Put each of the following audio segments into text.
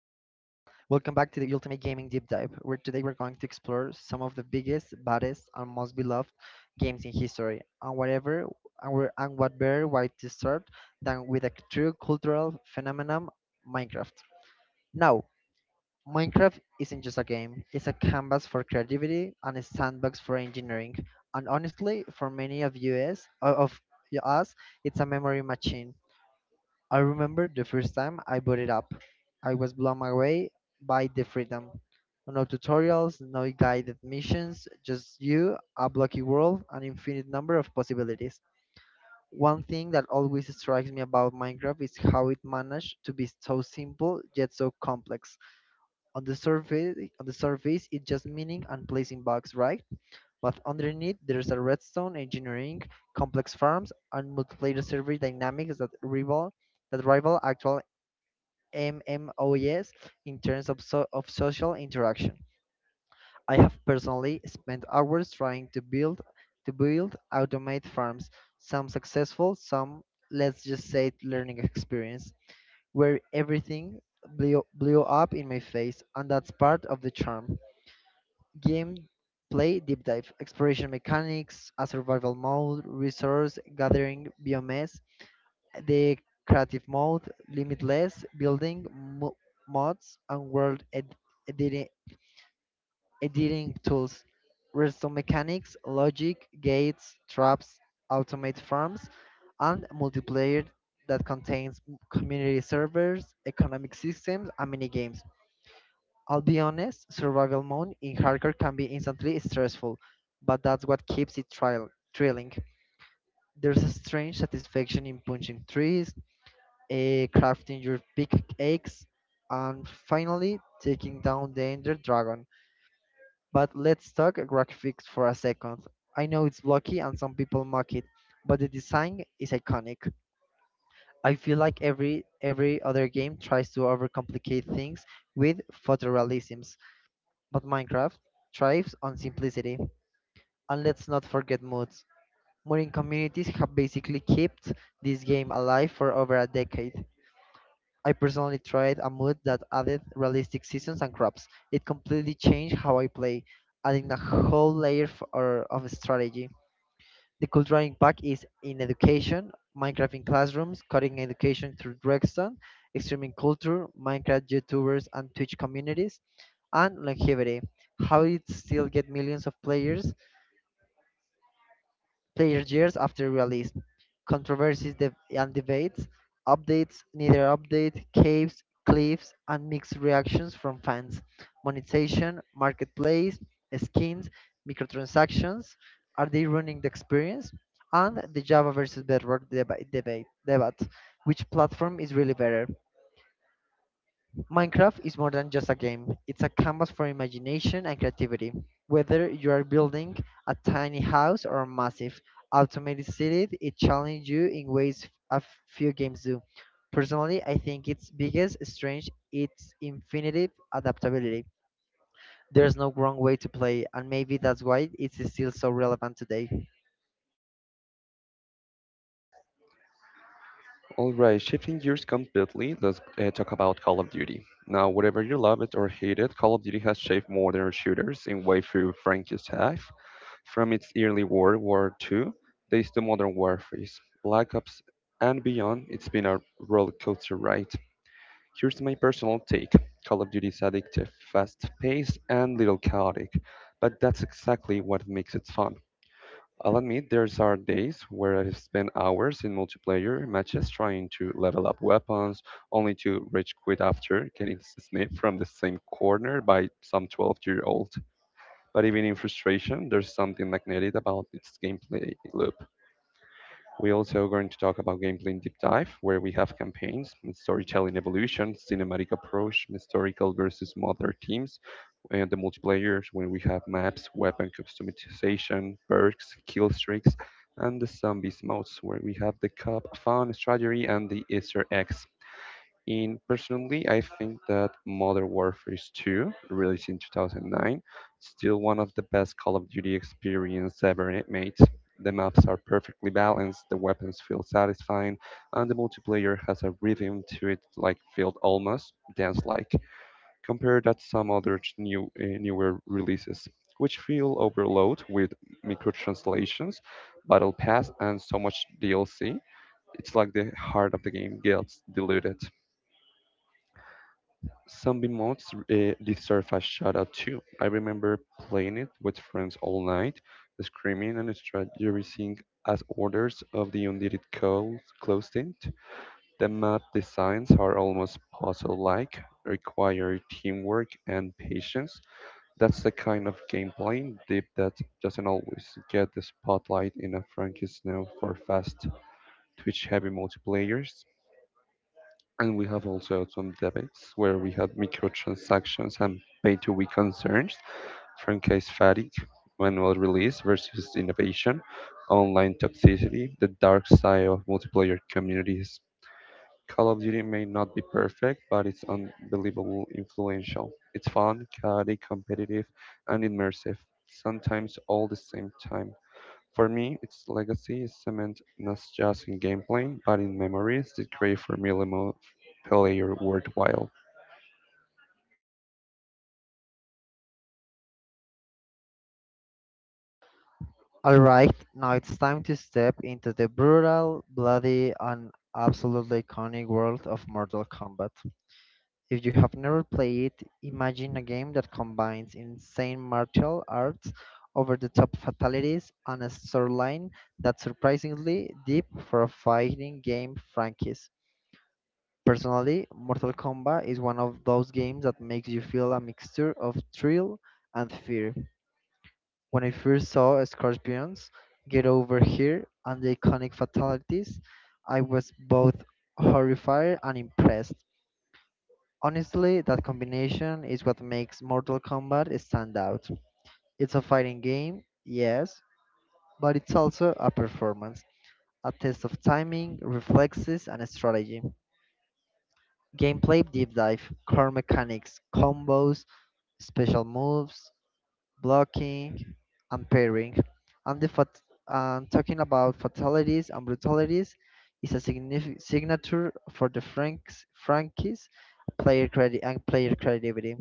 Welcome back to the Ultimate Gaming Deep Dive, where today we're going to explore some of the biggest, baddest, and most beloved games in history, and whatever, and what better way to start than with a true cultural phenomenon, Minecraft. Now, Minecraft isn't just a game; it's a canvas for creativity and a sandbox for engineering. And honestly, for many of us, it's a memory machine. I remember the first time I bought it up. I was blown away by the freedom. No tutorials, no guided missions, just you, a blocky world, an infinite number of possibilities. One thing that always strikes me about Minecraft is how it managed to be so simple yet so complex. On the surface, it's just mining and placing blocks, right? But underneath, there's a redstone engineering, complex farms, and multiplayer server dynamics that rival actual MMOs in terms of social interaction. I have personally spent hours trying to build automate farms, some successful, some let's just say learning experience, where everything blew up in my face, and that's part of the charm. Game play deep dive, exploration mechanics, a survival mode, resource gathering, biomes, the creative mode, limitless mods, and world editi- editing tools, redstone mechanics, logic, gates, traps, automate farms, and multiplayer that contains community servers, economic systems, and mini games. I'll be honest, survival mode in hardcore can be instantly stressful, but that's what keeps it trial thrilling. There's a strange satisfaction in punching trees, crafting your big eggs, and finally taking down the Ender Dragon. But let's talk graphics for a second. I know it's blocky and some people mock it, but the design is iconic. I feel like every other game tries to overcomplicate things with photorealisms, but Minecraft thrives on simplicity. And let's not forget mods. Modding communities have basically kept this game alive for over a decade. I personally tried a move that added realistic seasons and crops. It completely changed how I play, adding a whole layer of strategy. The cultural impact is in education, Minecraft in classrooms, coding education through Drexton, extreme culture, Minecraft YouTubers and Twitch communities, and longevity, how it still get millions of players years after release. Controversies and debates, updates, neither update, caves, cliffs, and mixed reactions from fans. Monetization, marketplace, skins, microtransactions. Are they ruining the experience? And the Java versus Bedrock debate. Which platform is really better? Minecraft is more than just a game. It's a canvas for imagination and creativity. Whether you are building a tiny house or a massive automated city, it challenges you in ways a few games do. Personally, I think its biggest strength is infinite adaptability. There's no wrong way to play, and maybe that's why it's still so relevant today. All right, shifting gears completely. Let's talk about Call of Duty. Now, whatever you love it or hate it, Call of Duty has shaped modern shooters in way through Frankie's life. From its early World War II days to modern warfare, Black Ops, and beyond, it's been a roller coaster ride. Here's my personal take: Call of Duty is addictive, fast paced, and little chaotic, but that's exactly what makes it fun. I'll admit there's are days where I've spent hours in multiplayer matches trying to level up weapons, only to rage quit after getting sniped from the same corner by some 12-year-old. But even in frustration, there's something magnetic about its gameplay loop. We also going to talk about gameplay in deep dive, where we have campaigns, storytelling evolution, cinematic approach, historical versus modern teams, and the multiplayer, when we have maps, weapon customization, perks, kill streaks, and the zombies modes, where we have the cup, fun, strategy, and the Easter eggs. And personally, I think that Modern Warfare 2, released in 2009, still one of the best Call of Duty experience ever made. The maps are perfectly balanced, the weapons feel satisfying, and the multiplayer has a rhythm to it like felt almost dance-like. Compare that to some other new newer releases, which feel overload with microtranslations, battle pass, and so much DLC. It's like the heart of the game gets diluted. Zombie mods deserve a shout out too. I remember playing it with friends all night, screaming and strategizing as orders of the undead closed in. The map designs are almost puzzle like, require teamwork and patience. That's the kind of gameplay dip that doesn't always get the spotlight in a Frankie Snow for fast, twitch heavy multiplayers. And we have also had some debates where we had microtransactions and pay to win concerns from case fatigue, manual release versus innovation, online toxicity, the dark side of multiplayer communities. Call of Duty may not be perfect, but it's unbelievable influential. It's fun, chaotic, competitive, and immersive, sometimes all the same time. For me, its legacy is cemented not just in gameplay, but in memories that create for me multiplayer worthwhile. Alright, now it's time to step into the brutal, bloody, and absolutely iconic world of Mortal Kombat. If you have never played it, imagine a game that combines insane martial arts, over-the-top fatalities, and a storyline that's surprisingly deep for a fighting game franchise. Personally, Mortal Kombat is one of those games that makes you feel a mixture of thrill and fear. When I first saw Scorpions, Get Over Here, and the iconic fatalities, I was both horrified and impressed. Honestly, that combination is what makes Mortal Kombat stand out. It's a fighting game, yes, but it's also a performance, a test of timing, reflexes, and strategy. Gameplay deep dive, core mechanics, combos, special moves, blocking, and pairing. And the fat- and talking about fatalities and brutalities is a signature for the franchise player credit and player creativity.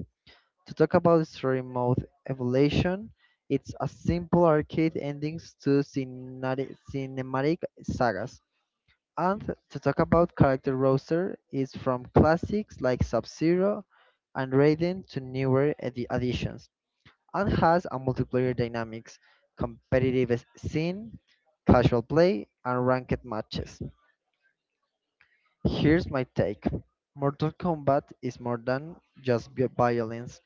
To talk about story mode evolution, it's a simple arcade endings to cinematic sagas. And to talk about character roster is from classics like Sub-Zero and Raiden to newer additions and has a multiplayer dynamics, competitive scene, casual play, and ranked matches. Here's my take. Mortal Kombat is more than just violence.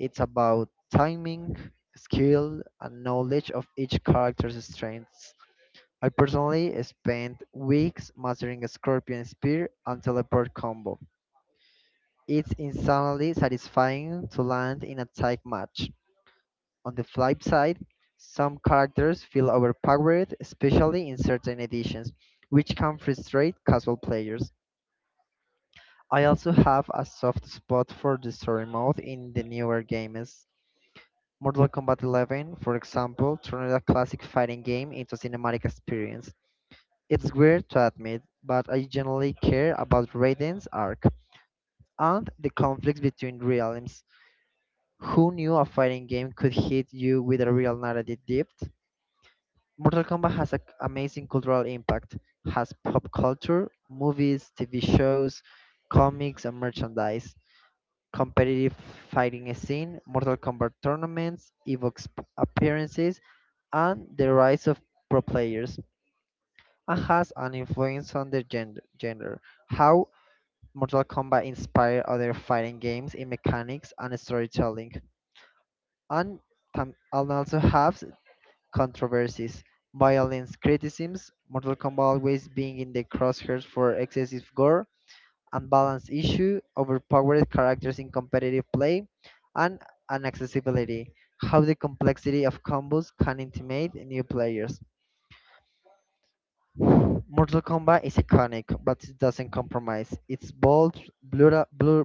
It's about timing, skill, and knowledge of each character's strengths. I personally spent weeks mastering a scorpion spear and teleport combo. It's insanely satisfying to land in a tight match. On the flip side, some characters feel overpowered, especially in certain editions, which can frustrate casual players. I also have a soft spot for the story mode in the newer games. Mortal Kombat 11, for example, turned a classic fighting game into a cinematic experience. It's weird to admit, but I generally care about Raiden's arc and the conflicts between realms. Who knew a fighting game could hit you with a real narrative depth? Mortal Kombat has an amazing cultural impact, has pop culture, movies, TV shows, comics, and merchandise. Competitive fighting scene, Mortal Kombat tournaments, evokes appearances, and the rise of pro players, and has an influence on the genre. How Mortal Kombat inspired other fighting games in mechanics and storytelling, and and also has controversies, violence, criticisms, Mortal Kombat always being in the crosshairs for excessive gore, unbalanced issue, overpowered characters in competitive play, and inaccessibility. How the complexity of combos can intimidate new players. Mortal Kombat is iconic, but it doesn't compromise. It's bold, brutal,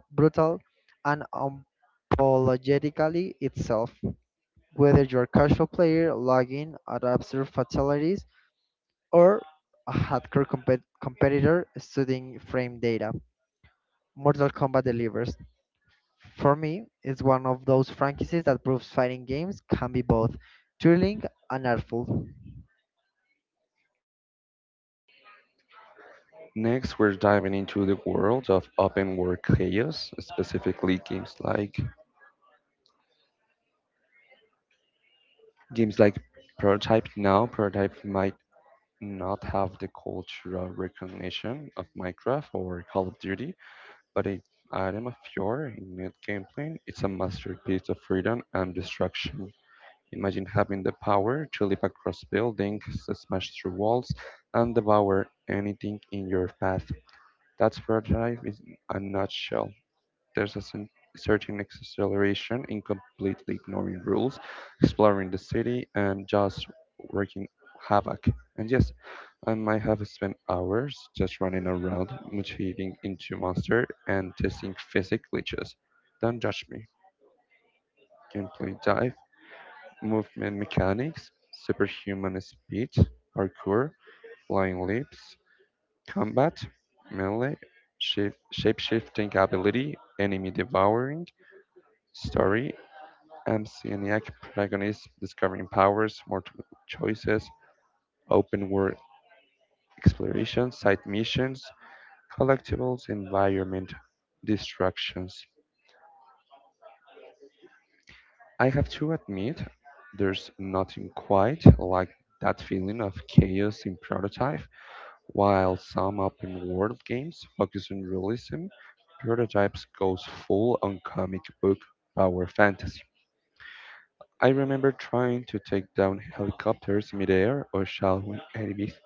brutal and unapologetically itself. Whether you're a casual player logging at absurd fatalities or a hardcore competitor studying frame data, Mortal Kombat delivers. For me, it's one of those franchises that proves fighting games can be both thrilling and artful. Next, we're diving into the world of open world chaos, specifically games like Prototype now. Prototype might not have the cultural recognition of Minecraft or Call of Duty, but it item of pure in its gameplay, it's a masterpiece of freedom and destruction. Imagine having the power to leap across buildings, smash through walls, and devour anything in your path. That's prototype in a nutshell. There's a sen- Certain acceleration in completely ignoring rules, exploring the city, and just working havoc. And yes, I might have spent hours just running around, mutating into monster, and testing physics glitches. Don't judge me. Gameplay dive: movement mechanics, superhuman speed, parkour, flying leaps, combat, melee, shape shifting ability, enemy devouring, story, amnesiac protagonist discovering powers, multiple choices, open world exploration, side missions, collectibles, environment, distractions. I have to admit, there's nothing quite like that feeling of chaos in prototype. While some open world games focus on realism, Prototypes goes full on comic book power fantasy. I remember trying to take down helicopters midair or shallowing enemies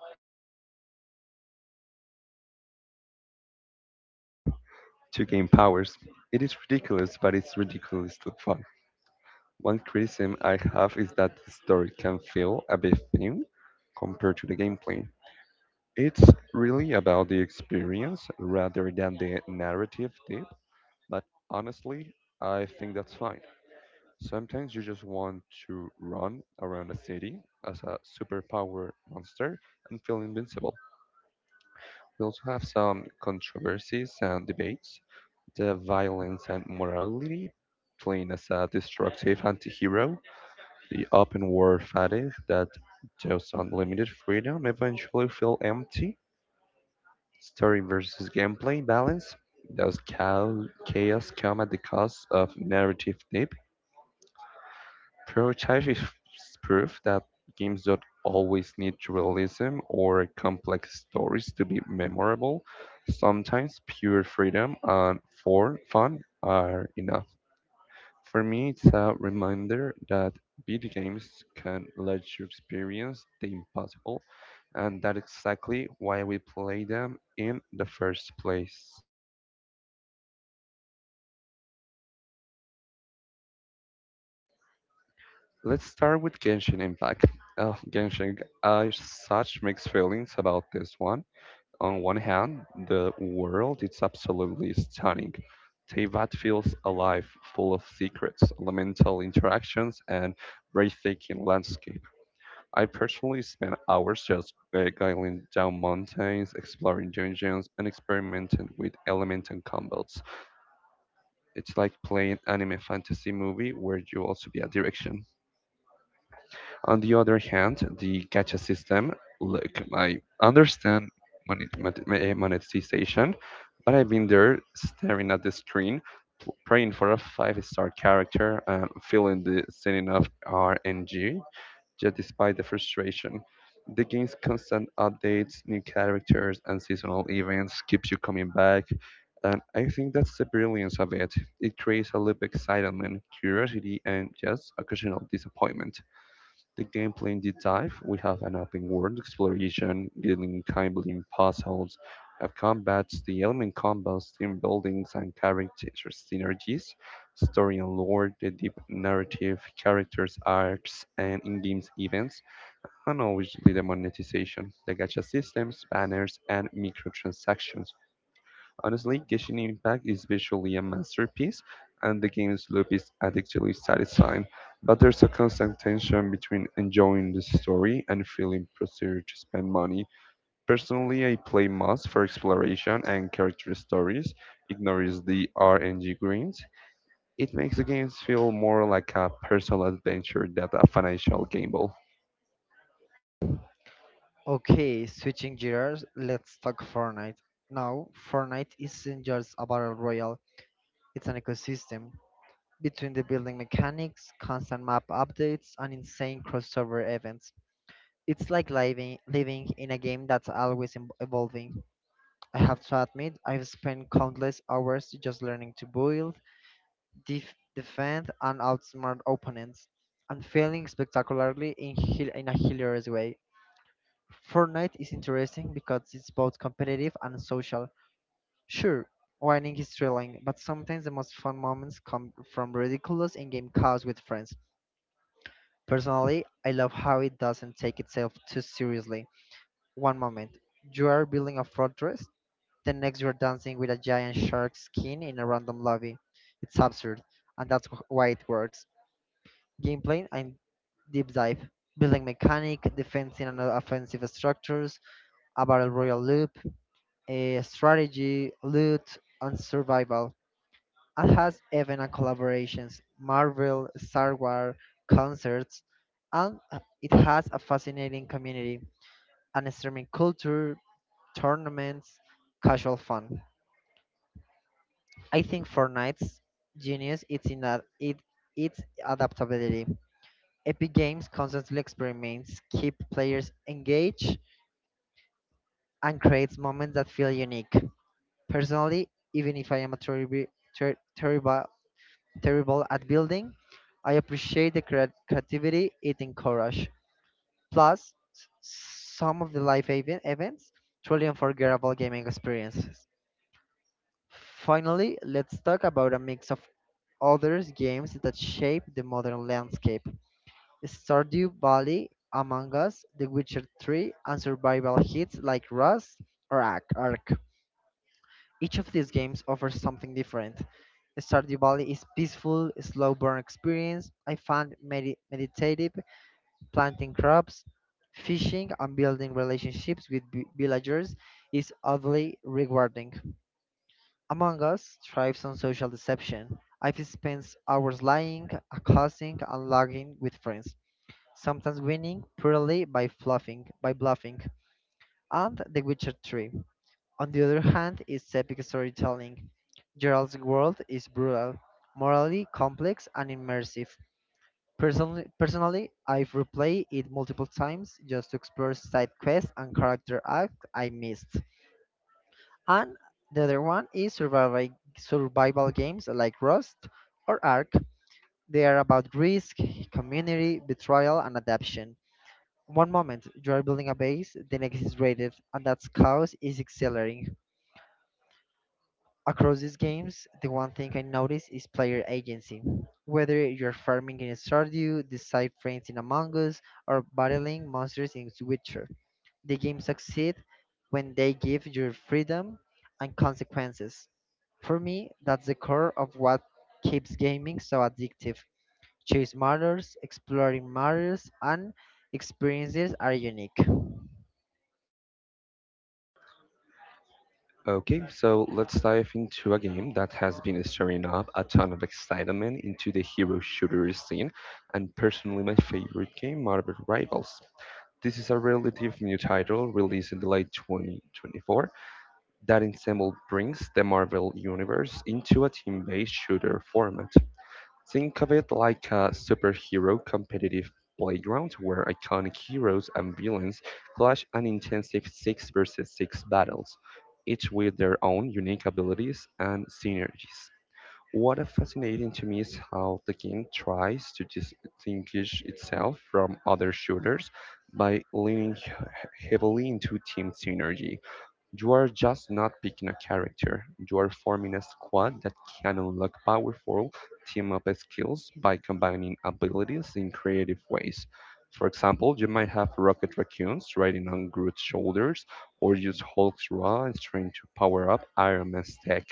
to gain powers. It is ridiculous, but it's ridiculously fun. One criticism I have is that the story can feel a bit thin compared to the gameplay. It's really about the experience rather than the narrative depth, but honestly, I think that's fine. Sometimes you just want to run around the city as a superpower monster and feel invincible. We also have some controversies and debates. The violence and morality, playing as a destructive anti hero. The open world fatigue that those unlimited freedom eventually feel empty. Story versus gameplay balance. Does chaos come at the cost of narrative depth? Prototype is proof that games don't always need realism or complex stories to be memorable. Sometimes pure freedom and for fun are enough. For me, it's a reminder that video games can let you experience the impossible, and that's exactly why we play them in the first place. Let's start with Genshin Impact. Oh, Genshin, I have such mixed feelings about this one. On one hand, the world is absolutely stunning. Teyvat feels alive, full of secrets, elemental interactions, and breathtaking landscape. I personally spend hours just going down mountains, exploring dungeons, and experimenting with element and combos. It's like playing anime fantasy movie where you also be a direction. On the other hand, the gacha system, look, I understand monetization, but I've been there staring at the screen, praying for a five-star character and feeling the sinning of RNG. Yet despite the frustration, the game's constant updates, new characters, and seasonal events keeps you coming back. And I think that's the brilliance of it. It creates a loop of excitement, curiosity, and just occasional disappointment. The gameplay in deep dive, we have an open world exploration, dealing kindly in puzzles, have combats, the element combos, team buildings and character synergies, story and lore, the deep narrative, characters, arcs, and in-game events, and obviously the monetization, the gacha systems, banners, and microtransactions. Honestly, Genshin Impact is visually a masterpiece, and the game's loop is addictively satisfying, but there's a constant tension between enjoying the story and feeling pressured to spend money. Personally, I play Moss for exploration and character stories, ignores the RNG greens. It makes the games feel more like a personal adventure than a financial gamble. Okay, switching gears, let's talk Fortnite. Now, Fortnite isn't just a battle royale, it's an ecosystem. Between the building mechanics, constant map updates, and insane crossover events, it's like living in a game that's always evolving. I have to admit, I've spent countless hours just learning to build, defend, and outsmart opponents, and failing spectacularly in a hilarious way. Fortnite is interesting because it's both competitive and social. Sure, winning is thrilling, but sometimes the most fun moments come from ridiculous in-game chaos with friends. Personally, I love how it doesn't take itself too seriously. One moment, you are building a fortress, the next you're dancing with a giant shark skin in a random lobby. It's absurd, and that's why it works. Gameplay and deep dive, building mechanic, defensive and offensive structures, a battle royal loop, a strategy, loot, and survival, and has event and collaborations, Marvel, Star Wars, concerts, and it has a fascinating community, an extreme culture, tournaments, casual fun. I think Fortnite's genius is in that it its adaptability. Epic Games constantly experiments, keep players engaged, and creates moments that feel unique. Personally, even if I am a terrible ter- terrible terrible at building, I appreciate the creativity it encourages. Plus, some of the live events truly unforgettable gaming experiences. Finally, let's talk about a mix of other games that shape the modern landscape. Stardew Valley, Among Us, The Witcher 3, and survival hits like Rust or Ark. Each of these games offers something different. Stardew Valley is peaceful, slow burn experience. I found meditative, planting crops, fishing, and building relationships with villagers is oddly rewarding. Among Us thrives on social deception. I've spent hours lying, accusing, and logging with friends, sometimes winning purely by bluffing. And The Witcher 3. On the other hand, is epic storytelling. Gerald's world is brutal, morally complex, and immersive. Personally, I've replayed it multiple times just to explore side quests and character arcs I missed. And the other one is survival games like Rust or Ark. They are about risk, community, betrayal, and adaptation. One moment you are building a base, the next is raided, and that chaos is exhilarating. Across these games, the one thing I notice is player agency. Whether you're farming in Stardew, decide friends in Among Us, or battling monsters in Witcher, the game succeeds when they give you freedom and consequences. For me, that's the core of what keeps gaming so addictive. Chase matters, exploring matters, and experiences are unique. Okay, so let's dive into a game that has been stirring up a ton of excitement into the hero shooter scene, and personally my favorite game, Marvel Rivals. This is a relative new title released in the late 2024 that ensemble brings the Marvel Universe into a team-based shooter format. Think of it like a superhero competitive playground where iconic heroes and villains clash in intensive 6 versus 6 battles, each with their own unique abilities and synergies. What is fascinating to me is how the game tries to distinguish itself from other shooters by leaning heavily into team synergy. You are just not picking a character, you are forming a squad that can unlock powerful team up skills by combining abilities in creative ways. For example, you might have Rocket Raccoons riding on Groot's shoulders, or use Hulk's raw and strength to power up Iron Man's tech.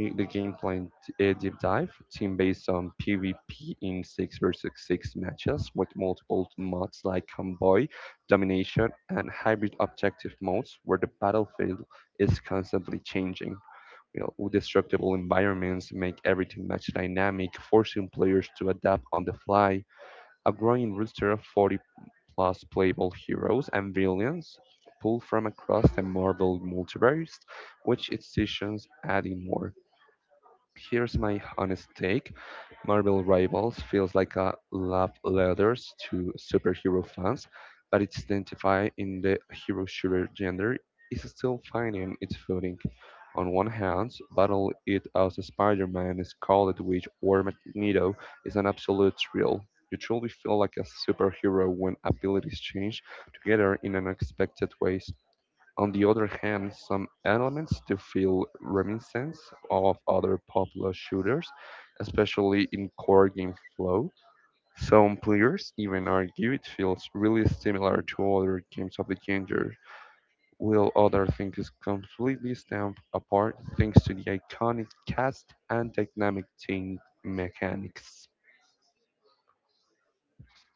The game plan deep dive team based on PvP in six versus six matches with multiple mods like convoy, domination, and hybrid objective modes where the battlefield is constantly changing. You know, with destructible environments make everything match dynamic, forcing players to adapt on the fly. A growing roster of 40 plus playable heroes and villains pulled from across the Marvel multiverse, which its seasons adding more. Here's my honest take. Marvel Rivals feels like a love letters to superhero fans, but its identify in the hero shooter genre is still finding its footing. On one hand, Battle It as Spider-Man, Scarlet Witch, or Magneto is an absolute thrill. You truly feel like a superhero when abilities change together in unexpected ways. On the other hand, some elements do feel reminiscent of other popular shooters, especially in core game flow. Some players even argue it feels really similar to other games of the genre, while others think it's completely stamped apart thanks to the iconic cast and dynamic team mechanics.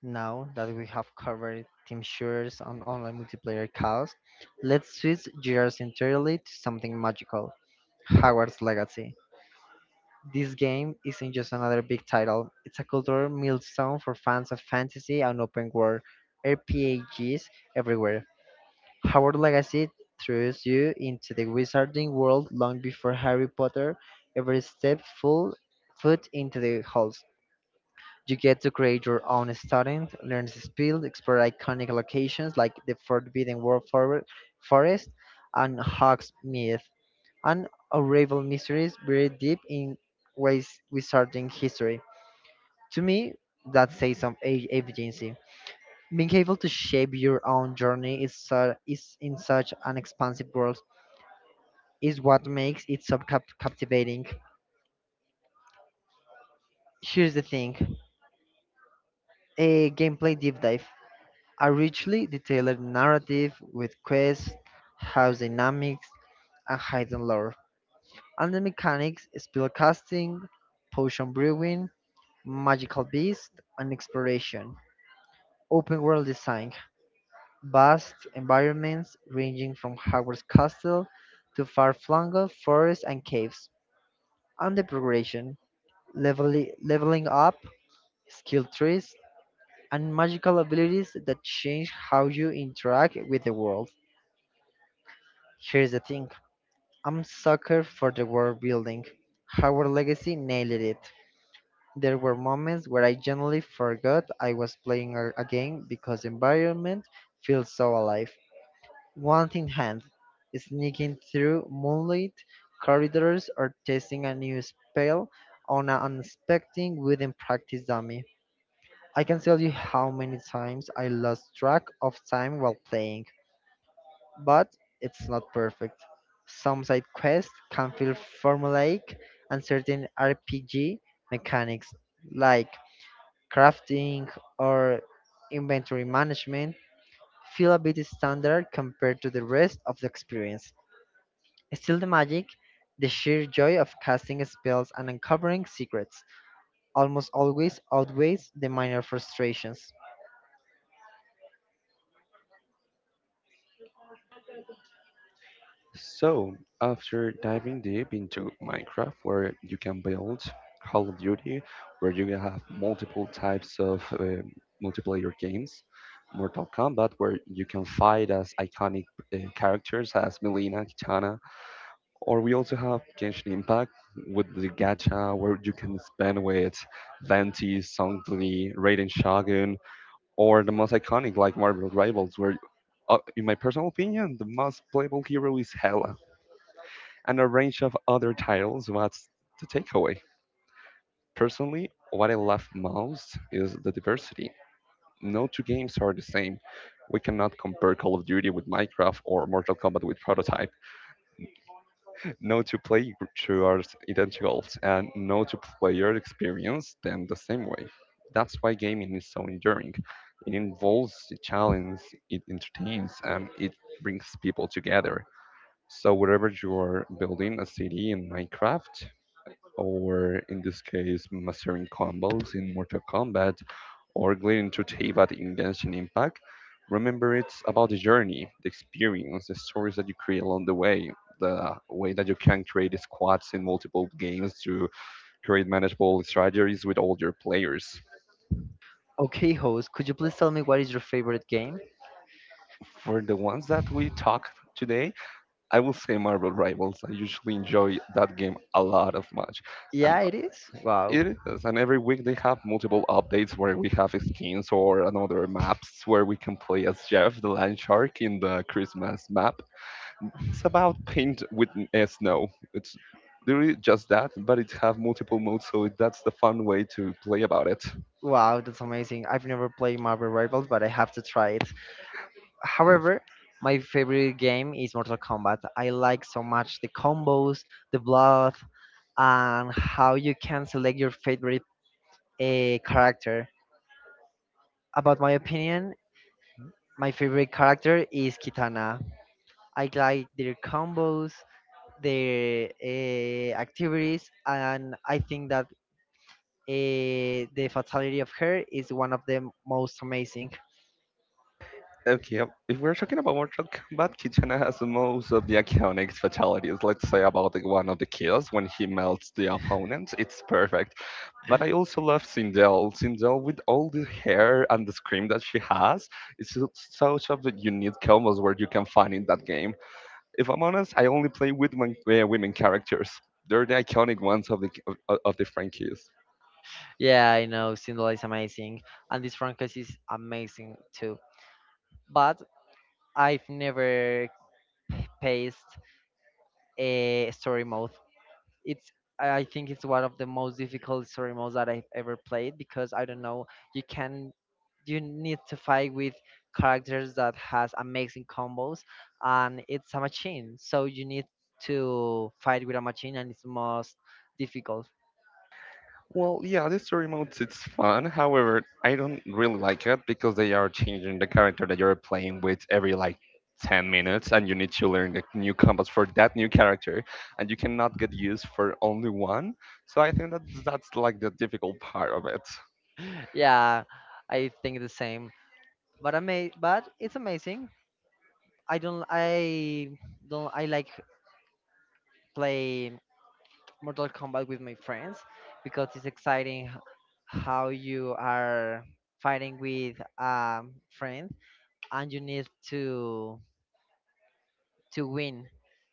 Now that we have covered team shooters and online multiplayer chaos, let's switch gears entirely to something magical Hogwarts Legacy. This game isn't just another big title, it's a cultural milestone for fans of fantasy and open world RPGs everywhere. Hogwarts Legacy throws you into the wizarding world long before Harry Potter ever stepped full foot into the halls. You get to create your own student, learn the skills, explore iconic locations like the Forest and Hogsmeade, and unravel mysteries buried deep in ways wizarding history. To me, that says some agency. Being able to shape your own journey is in such an expansive world is what makes it so captivating. Here's the thing: a gameplay deep dive. A richly detailed narrative with quests, house dynamics, and hidden lore, and the mechanics, spell casting, potion brewing, magical beasts, and exploration. Open world design, vast environments ranging from Hogwarts Castle to far-flung forests and caves, and the progression, leveling up, skill trees, and magical abilities that change how you interact with the world. Here's the thing I'm sucker for the world building. Howard Legacy nailed it. There were moments where I genuinely forgot I was playing a game because the environment feels so alive. One in hand, sneaking through moonlit corridors or testing a new spell on an unexpected wooden practice dummy. I can tell you how many times I lost track of time while playing, but it's not perfect. Some side quests can feel formulaic, and certain RPG mechanics like crafting or inventory management feel a bit standard compared to the rest of the experience. Still, the magic, the sheer joy of casting spells and uncovering secrets, almost always outweighs the minor frustrations. So, after diving deep into Minecraft, where you can build Call of Duty, where you have multiple types of multiplayer games, Mortal Kombat, where you can fight as iconic characters as Melina, Kitana, or we also have Genshin Impact with the gacha, where you can spend with Venti, Songli, Raiden Shogun, or the most iconic like Marvel Rivals, where in my personal opinion, the most playable hero is Hela and a range of other titles. What's the takeaway? Personally, what I love most is the diversity. No two games are the same. We cannot compare Call of Duty with Minecraft or Mortal Kombat with Prototype. No two playthroughs are identical, and no two player experience them the same way. That's why gaming is so enduring. It involves the challenge, it entertains, and it brings people together. So wherever you are building a city in Minecraft, or in this case mastering combos in Mortal Kombat or gliding through Teyvat in Genshin Impact, remember it's about the journey, the experience, the stories that you create along the way that you can create squads in multiple games to create manageable strategies with all your players. Okay, host, could you please tell me what is your favorite game? For the ones that we talked today, I will say Marvel Rivals. I usually enjoy that game a lot of much. And Yeah, it is. Wow. it is, and every week they have multiple updates where we have skins or another maps where we can play as Jeff the Land Shark in the Christmas map. It's about paint with snow. It's really just that, but it have multiple modes, so that's the fun way to play about it. Wow, that's amazing. I've never played Marvel Rivals, but I have to try it. Uh, However, my favorite game is Mortal Kombat. I like so much the combos, the blood, and how you can select your favorite character. About my opinion, my favorite character is Kitana. I like their combos, their activities, and I think that the fatality of her is one of the most amazing. Okay, if we're talking about Mortal Kombat, Kitana has most of the iconic fatalities. Let's say about the one of the kills when he melts the opponent. It's perfect. But I also love Sindel. Sindel with all the hair and the scream that she has, it's such of the unique combos where you can find in that game. If I'm honest, I only play with women characters. They're the iconic ones of of the franchise. Yeah, I know Cinderella is amazing, and this franchise is amazing too. But I've never paced a story mode. It's I think it's one of the most difficult story modes that I've ever played because I don't know you can you need to fight with characters that has amazing combos and it's a machine so you need to fight with a machine and it's most difficult Well, yeah, the story modes it's fun. However, I don't really like it because they are changing the character that you're playing with every like 10 minutes and you need to learn the new combos for that new character and you cannot get used for only one. So I think that that's like the difficult part of it. yeah, I think the same, but it's amazing. I don't I don't I like play Mortal Kombat with my friends because it's exciting how you are fighting with a friend and you need to win.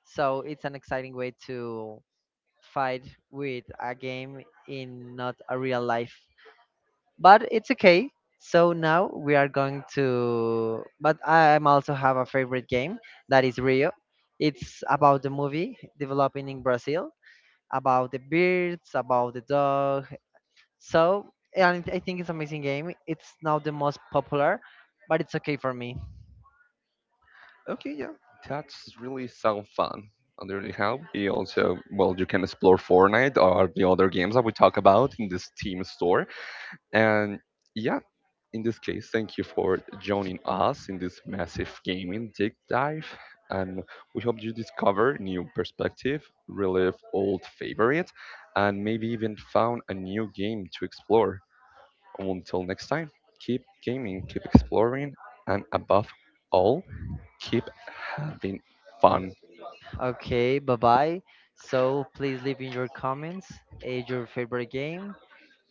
So it's an exciting way to fight with a game in not a real life. But it's okay. So now we are going to. But I'm also have a favorite game that is Rio. It's about the movie developing in Brazil, about the birds, about the dog. So and I think it's amazing game. It's now the most popular, but it's okay for me. Okay, yeah. That's really sound fun. Under the help, you also well you can explore Fortnite or the other games that we talk about in this Steam store. And yeah, in this case, thank you for joining us in this massive gaming deep dive, and we hope you discover new perspective, relive old favorites, and maybe even found a new game to explore. Until next time, keep gaming, keep exploring, and above all, keep having fun. Okay, bye bye. So please leave in your comments your favorite game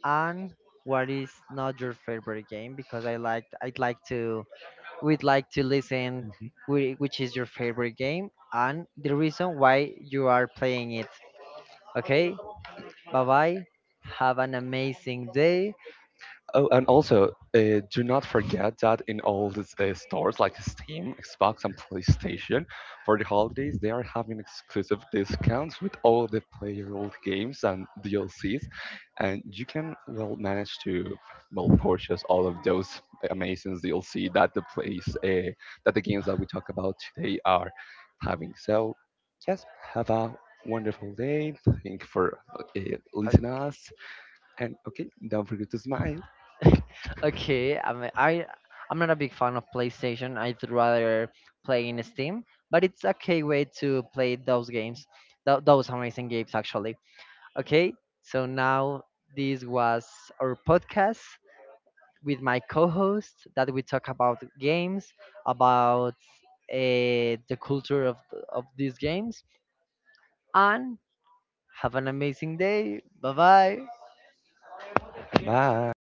and what is not your favorite game because I'd like to, we'd like to listen which is your favorite game and the reason why you are playing it. Okay? Bye bye. Have an amazing day. Oh, and also, do not forget that in all the stores like Steam, Xbox, and PlayStation, for the holidays, they are having exclusive discounts with all the playable games and DLCs, and you can well manage to well purchase all of those amazing DLC that the place that the games that we talk about today are having. So, yes, have a wonderful day. Thank you for listening us, and okay, don't forget to smile. Uh, okay, I mean, I'm not a big fan of PlayStation. I'd rather play in Steam, but it's okay way to play those games. Those amazing games actually. Okay? So now this was our podcast with my co-host that we talk about games, about the culture of these games, and have an amazing day. Bye bye. Bye.